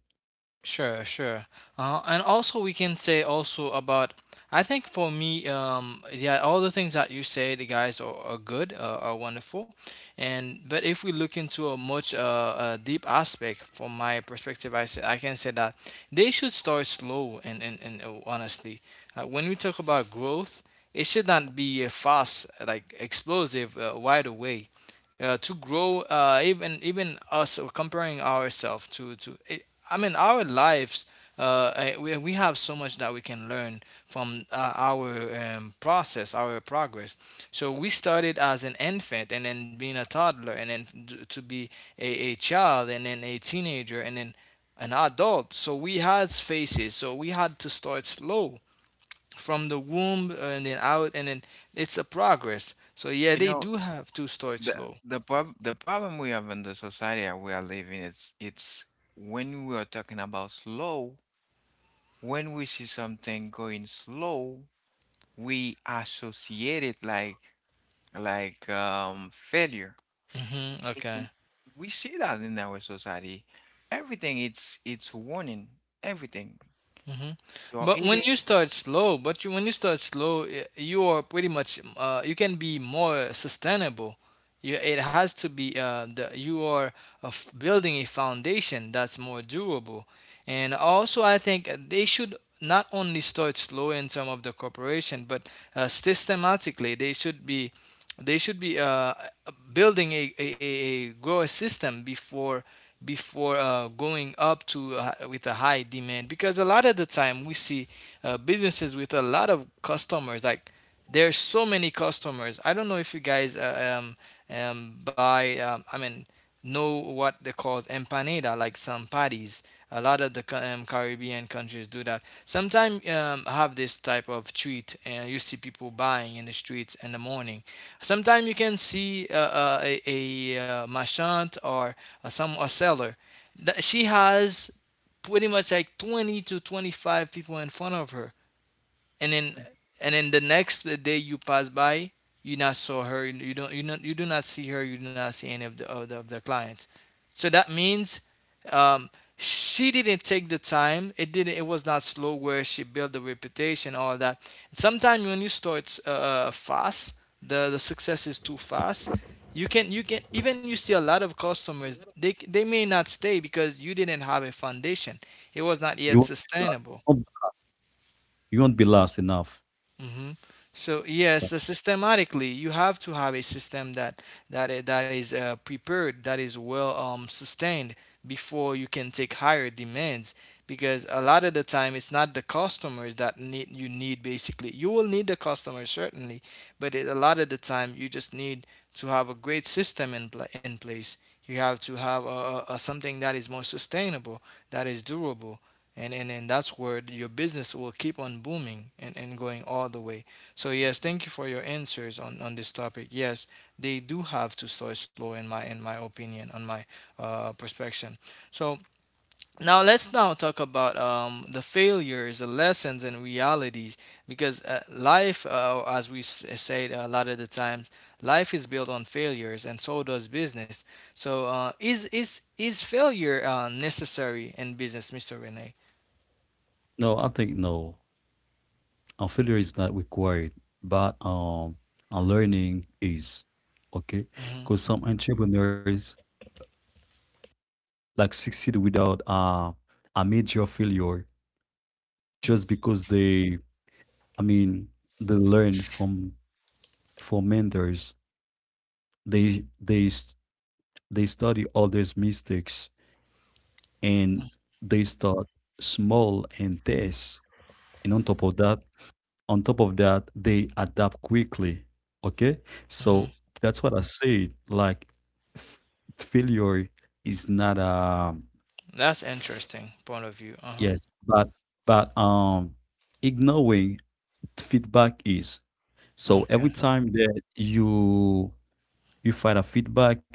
Sure, sure. And also, we can say also about. I think for me, yeah, all the things that you say, the guys are good, are wonderful, and but if we look into a much a deep aspect, from my perspective, I say, I can say that they should start slow and honestly, when we talk about growth, it should not be a fast, like explosive, right away to grow. Even us or comparing ourselves to I mean our lives. We have so much that we can learn from our process our progress. So we started as an infant and then being a toddler and to be a child and then a teenager and then an adult. So we had phases, so we had to start slow from the womb and then out, and then it's a progress. So yeah,
You
they
know,
do have to start
the
slow.
the problem we have in the society that we are living is it's, when we are talking about slow, when we see something going slow, we associate it like failure.
Mm-hmm, okay.
And we see that in our society. Everything it's warning. Everything. You're
But when
eating.
you start slow, when you start slow, you are pretty much you can be more sustainable. You, it has to be you are building a foundation that's more durable. And also, I think they should not only start slow in some of the corporation, but systematically they should be, they should be uh, building a grower system before, before going up to with a high demand. Because a lot of the time we see businesses with a lot of customers. Like there's so many customers. I don't know if you guys buy I mean know what they call empanada, like some patties. A lot of the Caribbean countries do that. Sometimes have this type of treat, and you see people buying in the streets in the morning. Sometimes you can see a marchand or some a seller. She has pretty much like 20 to 25 people in front of her, and then, and then the next day you pass by, you not saw her. You don't, you not, you do not see her. You do not see any of the of the clients. So that means um, she didn't take the time. It didn't. It was not slow where she built the reputation, all that. Sometimes when you start fast, the success is too fast. You can, you can even, you see a lot of customers. They may not stay because you didn't have a foundation. It was not yet sustainable
You won't be last enough.
hmm. So yes, the systematically you have to have a system that that is prepared, that is well sustained before you can take higher demands. Because a lot of the time, it's not the customers that need, you need basically. You will need the customers certainly, but it, a lot of the time, you just need to have a great system in pla in place. You have to have a something that is more sustainable, that is durable and that's where your business will keep on booming and going all the way. So yes,
Mhm.
thank you for your answers on this topic. Yes, they do have to start slow in my opinion, on my perspective. So now let's now talk about the failures, the lessons and realities. Because life, as we said, a lot of the time life is built on failures, and so does business. So is failure necessary in business, Mr. Renee?
No, I think no. A failure is not required, but a learning is, okay. Because some entrepreneurs like succeed without a major failure just because they, I mean, they learn from mentors. they they s- they study others mistakes, and they start small and test, and on top of that they adapt quickly. Okay,
Mm-hmm.
so that's what I said, like f- failure is not a,
That's interesting point of view. Uh-huh.
yes, but but um ignoring feedback is. So
Okay.
every time that you find a feedback,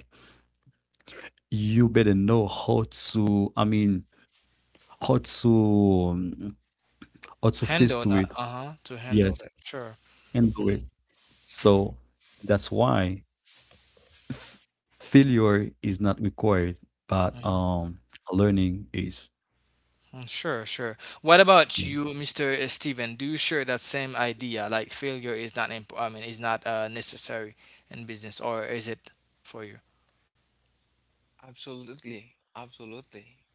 you better know how to, I mean, how to, um, how to face
Handle
to
that.
it.
Uh-huh. To handle
Yes.
that. Sure.
And do it. So that's why f- failure is not required, but
Mm-hmm.
learning is.
Mm, sure, sure. What about
Me.
you, Mr. Steven? Do you share that same idea? Like failure is not imp I mean, is not necessary in business, or is it for you?
Absolutely. Absolutely.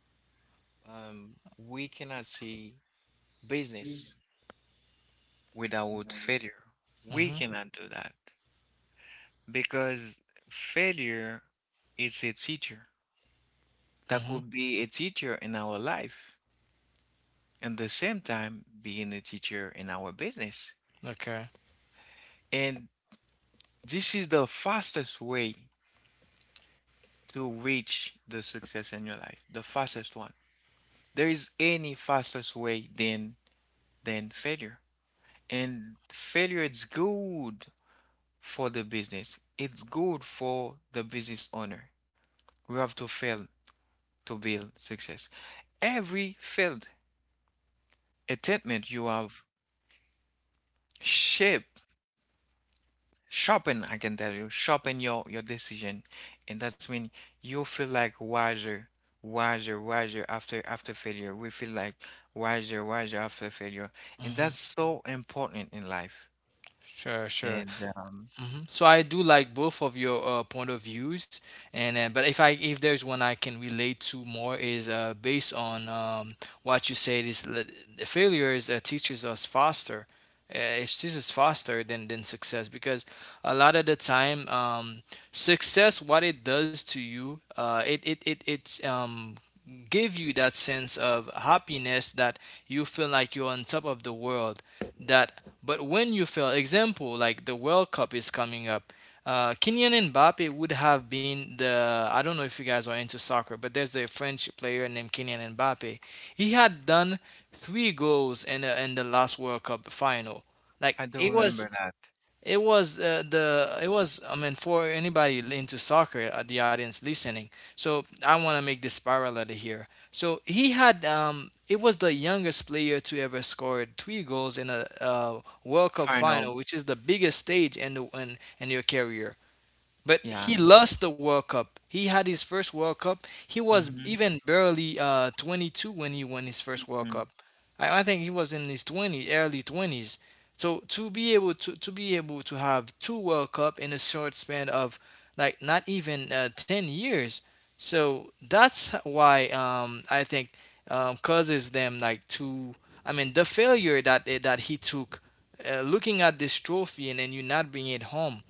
We cannot see business without failure. We
Mm-hmm.
cannot do that because failure is a teacher. That
Mm-hmm.
could be a teacher in our life and the same time being a teacher in our business.
Okay.
And this is the fastest way to reach the success in your life, the fastest one. There is any fastest way than failure. And failure is good for the business. It's good for the business owner. We have to fail to build success. Every failed attempt you have shape sharpen, I can tell you, sharpen your decision. And that's when you feel like wiser, wiser, wiser after failure. We feel like wiser, wiser after failure. And
Mm-hmm.
that's so important in life.
Sure, sure.
And
Hmm, so I do like both of your point of views, and but if there's one I can relate to more is based on what you said, is that the failures teaches us faster. This is faster than success, because a lot of the time, success, what it does to you, it give you that sense of happiness, that you feel like you're on top of the world. That but when you fail, example, like the World Cup is coming up, Kylian Mbappe would have been the, I don't know if you guys are into soccer, but there's a French player named Kylian Mbappe. He had done three goals in in the last World Cup final.
I
Like
do
it was,
remember that.
it was the it was, I mean for anybody into soccer, the audience listening. So I want to make this parallel here. So he had it was the youngest player to ever scored three goals in a World Cup
Final,
final, which is the biggest stage in in your career. But
yeah.
he lost the World Cup. He had his first World Cup. He was
Mm-hmm,
even barely 22 when he won his first World
mm.
Cup. I think he was in his 20s, early 20s. So to be able to be able to have two World Cup in a short span of like not even 10 years. So that's why I think causes them like to. I mean the failure that that he took, looking at this trophy and then you not bring it home,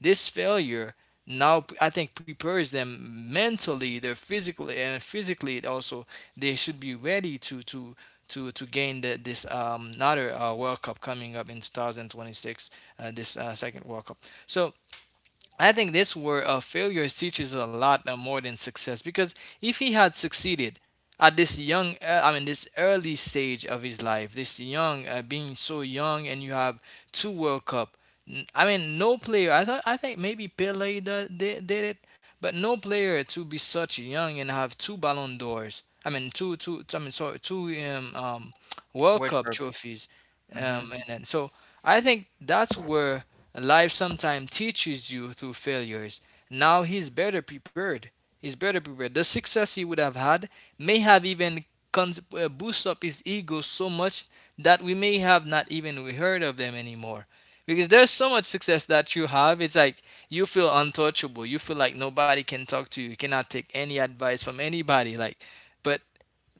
this failure now I think prepares them mentally, they're physically and physically also. They should be ready to gain this another World Cup coming up in 2026, this second World Cup. So I think this word of failures teaches a lot more than success, because if he had succeeded at this young, I mean, this early stage of his life, this young, being so young, and you have two World Cup. I mean, no player. I thought I think maybe Pele did it, but no player to be such young and have two Ballon d'Ors. I mean, I mean, sorry, two World
World
Cup
Cup.
trophies,
Mm-hmm.
and then so I think that's where life sometimes teaches you through failures. Now he's better prepared. He's better prepared. The success he would have had may have even boost up his ego so much that we may have not even heard of them anymore. Because there's so much success that you have, it's like you feel untouchable. You feel like nobody can talk to you. You cannot take any advice from anybody. Like, but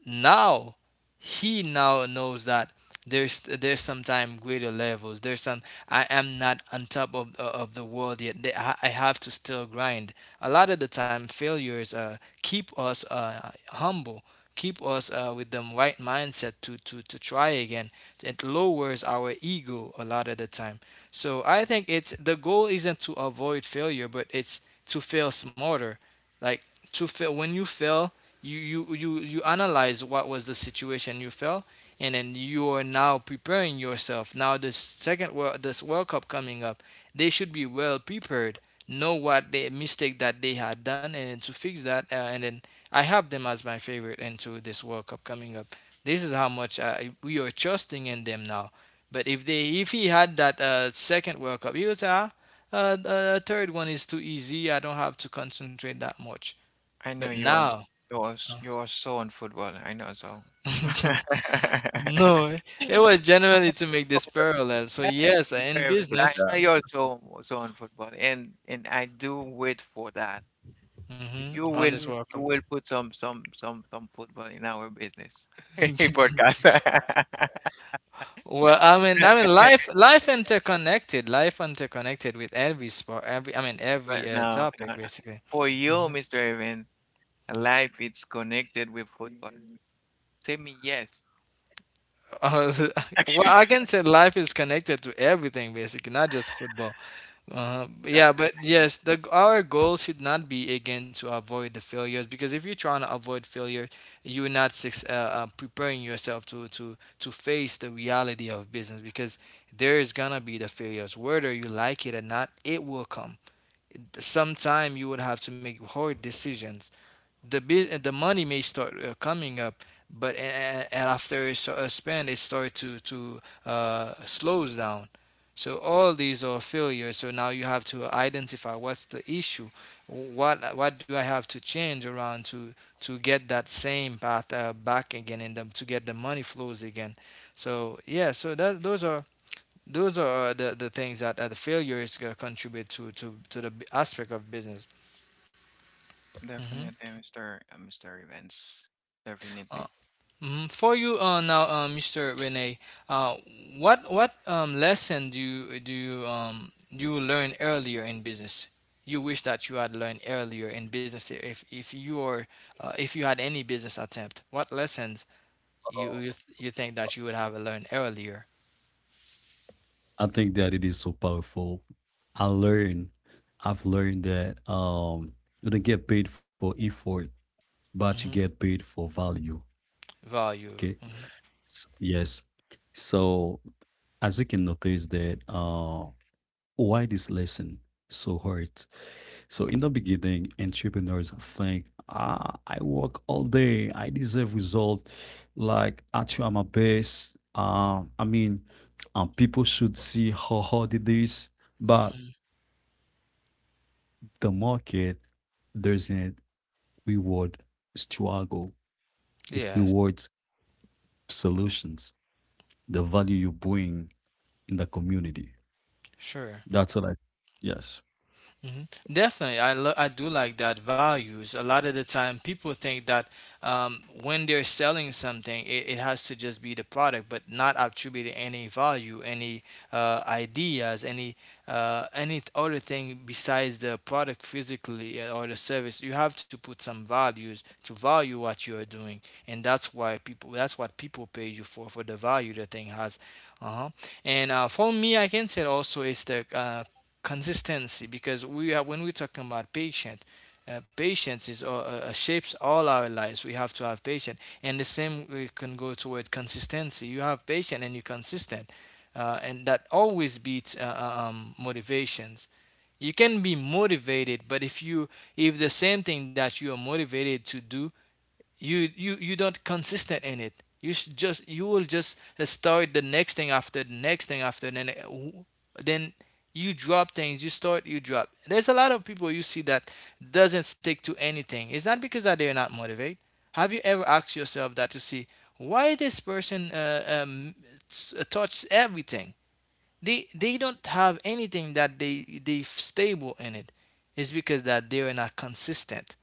now he now knows that there's sometime greater levels, there's some, I am not on top of the world yet. I I have to still grind. A lot of the time failures keep us humble, keep us with the right mindset to try again. It lowers our ego a lot of the time. So I think it's the goal isn't to avoid failure, but it's to fail smarter. Like to fail. When you fail, you analyze what was the situation you felt, and then you are now preparing yourself now this second world this world cup coming up. They should be well prepared, know what the mistake that they had done and then to fix that, and then I have them as my favorite into this world cup coming up. This is how much we are trusting in them now. But if he had that second world cup, he would say, ah, third one is too easy, I don't have to concentrate that much.
I
But
know
now
you are so on football. I know, so.
no, it was generally to make this parallel. So
Yeah,
yes, in
experiment. I
business,
know you're so on football, and I do wait for that.
hmm,
You
on
will
this World
you
Cup.
will put some football in our business podcast.
Well, I mean, life interconnected with every sport, every, I mean,
But
every
no, no,
topic
no.
basically.
For you,
Mhm.
Mr. Evans, life is connected with football. Tell me yes.
Uh,
That's
well, I can say life is connected to everything basically, not just football. Yeah, but
okay.
yes, the our goal should not be again to avoid the failures, because if you're trying to avoid failure, you're not suc- preparing yourself to face the reality of business, because there is gonna be the failures, whether you like it or not, it will come. Sometime you would have to make hard decisions. the the money may start coming up, but and after a span it start to slows down. So all these are failures, so now you have to identify what's the issue. What do I have to change around to get that same path back again and them to get the money flows again. So yeah, so that, those are, those are the things that the failures contribute to, to the aspect of business. Hmm.
Definitely, Mr. Evans. Definitely.
Mhm. For you now, Mr. Rene, uh, what lesson do you you learn earlier in business? You wish that you had learned earlier in business. If you are, if you had any business attempt, what lessons you
Uh,
you think that you would have learned earlier?
I think that it is so powerful. I learn, I've learned that you don't get paid for effort, but you
Hmm.
get paid for value.
Value.
Okay. Yes. So as you can notice that why this lesson so hard. So in the beginning, entrepreneurs think, ah, I work all day, I deserve results. Like I try my best. People should see how hard it is, but
Hmm.
the market doesn't reward struggle. It
Yes,
rewards solutions, the value you bring in the community.
sure.
That's what I, yes,
Mhm. Definitely, I do like that values. A lot of the time, people think that when they're selling something, it has to just be the product, but not attributing any value, any ideas, any other thing besides the product physically, or the service. You have to put some values to value what you are doing, and that's why people that's what people pay you for the value the thing has. Uh huh. And for me, I can say also it's the consistency, because we are, when we're talking about patient, patience is shapes all our lives. We have to have patience, and the same we can go toward consistency. You have patience and you're consistent, and that always beats motivations. You can be motivated, but if you, if the same thing that you are motivated to do, you don't consistent in it, you should just you will just start the next thing after the next thing, after then you drop things, you start, you drop. There's a lot of people you see that doesn't stick to anything. It's not because that they're not motivated. Have you ever asked yourself that, to see why this person touched everything. They don't have anything that they stable in it. It's because that they are not consistent.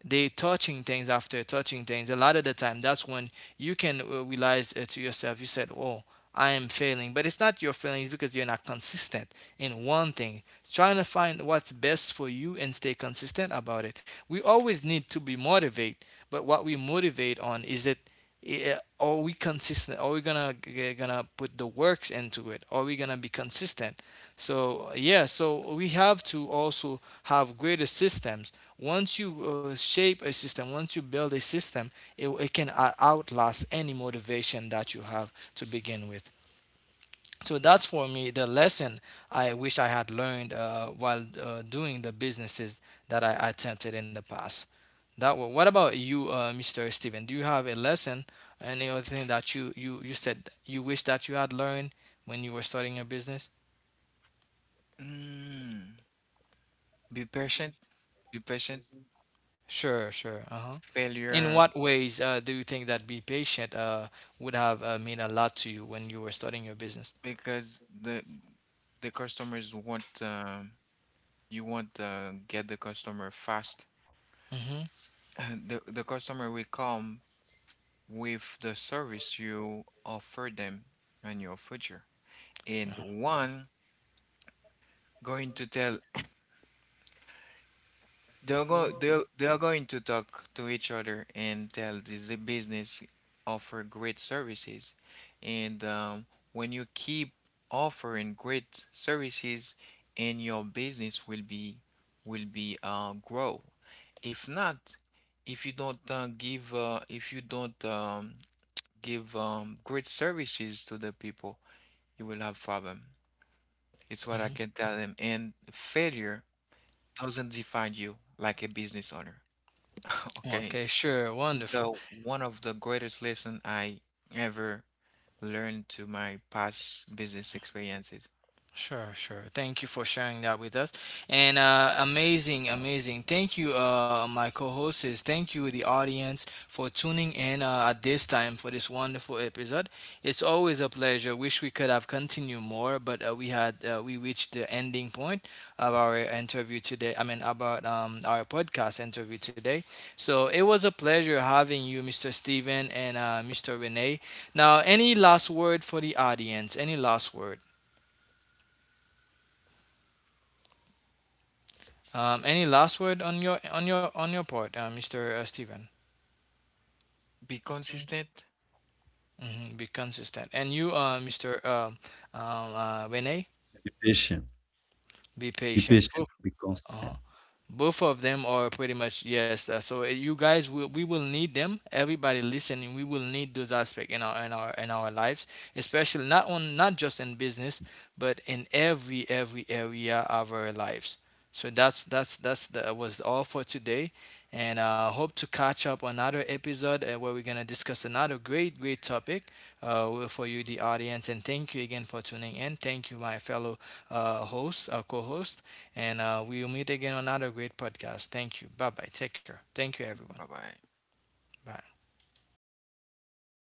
They touching things after touching things. A lot of the time, that's when you can realize to yourself. You said, oh, I am failing, but it's not your failing, it's because you're not consistent in one thing. Trying to find what's best for you and stay consistent about it. We always need to be motivated, but what we motivate on is it. Yeah, are we consistent? Are we gonna put the works into it? Are we gonna be consistent? So yeah, so we have to also have greater systems. Once you shape a system, once you build a system, it can outlast any motivation that you have to begin with. So that's for me the lesson I wish I had learned while doing the businesses that I attempted in the past. What about you, Mr. Steven? Do you have a lesson, any other thing that you, you said you wish that you had learned when you were starting your business?
Mm. Be patient. Be patient.
Sure, sure. Uh huh. In
Failure,
what ways do you think that be patient would have mean a lot to you when you were starting your business?
because the customers want, you want to get the customer fast.
Mm-hmm.
And the customer will come with the service you offer them in your future. And one going to tell. They're go they're they are going to talk to each other and tell this, the business offer great services. And when you keep offering great services, and your business will be grow. If not, if you don't give great services to the people, you will have problem. It's what I
Mm-hmm.
can tell them. And failure doesn't define you like a business owner. Okay,
Okay, sure, wonderful.
so one of the greatest lesson I ever learned to my past business experiences.
Sure, sure. Thank you for sharing that with us. And amazing, amazing. Thank you, my co hosts. Thank you, the audience, for tuning in at this time for this wonderful episode. It's always a pleasure. Wish we could have continued more, but we reached the ending point of our interview today. I mean, about our podcast interview today. So it was a pleasure having you, Mr. Steven and Mr. Renee. Now, any last word for the audience? Any last word? Any last word on your on your on your part, Mr. Stephen?
Be consistent.
Hmm. Be consistent, and you, Mr. Rene,
education.
be
Be
patient. Oh.
patient, be
Uh-huh.
consistent.
Both of them are pretty much yes. So you guys will, we will need them. Everybody listening, we will need those aspects in our lives, especially not just in business, but in every area of our lives. So that's that was all for today. And hope to catch up another episode where we're gonna discuss another great great topic for you the audience. And thank you again for tuning in. Thank you my fellow host co-host, and we will meet again on another great podcast. Thank you. Bye bye. Take care. Thank you, everyone.
Bye bye.
Bye.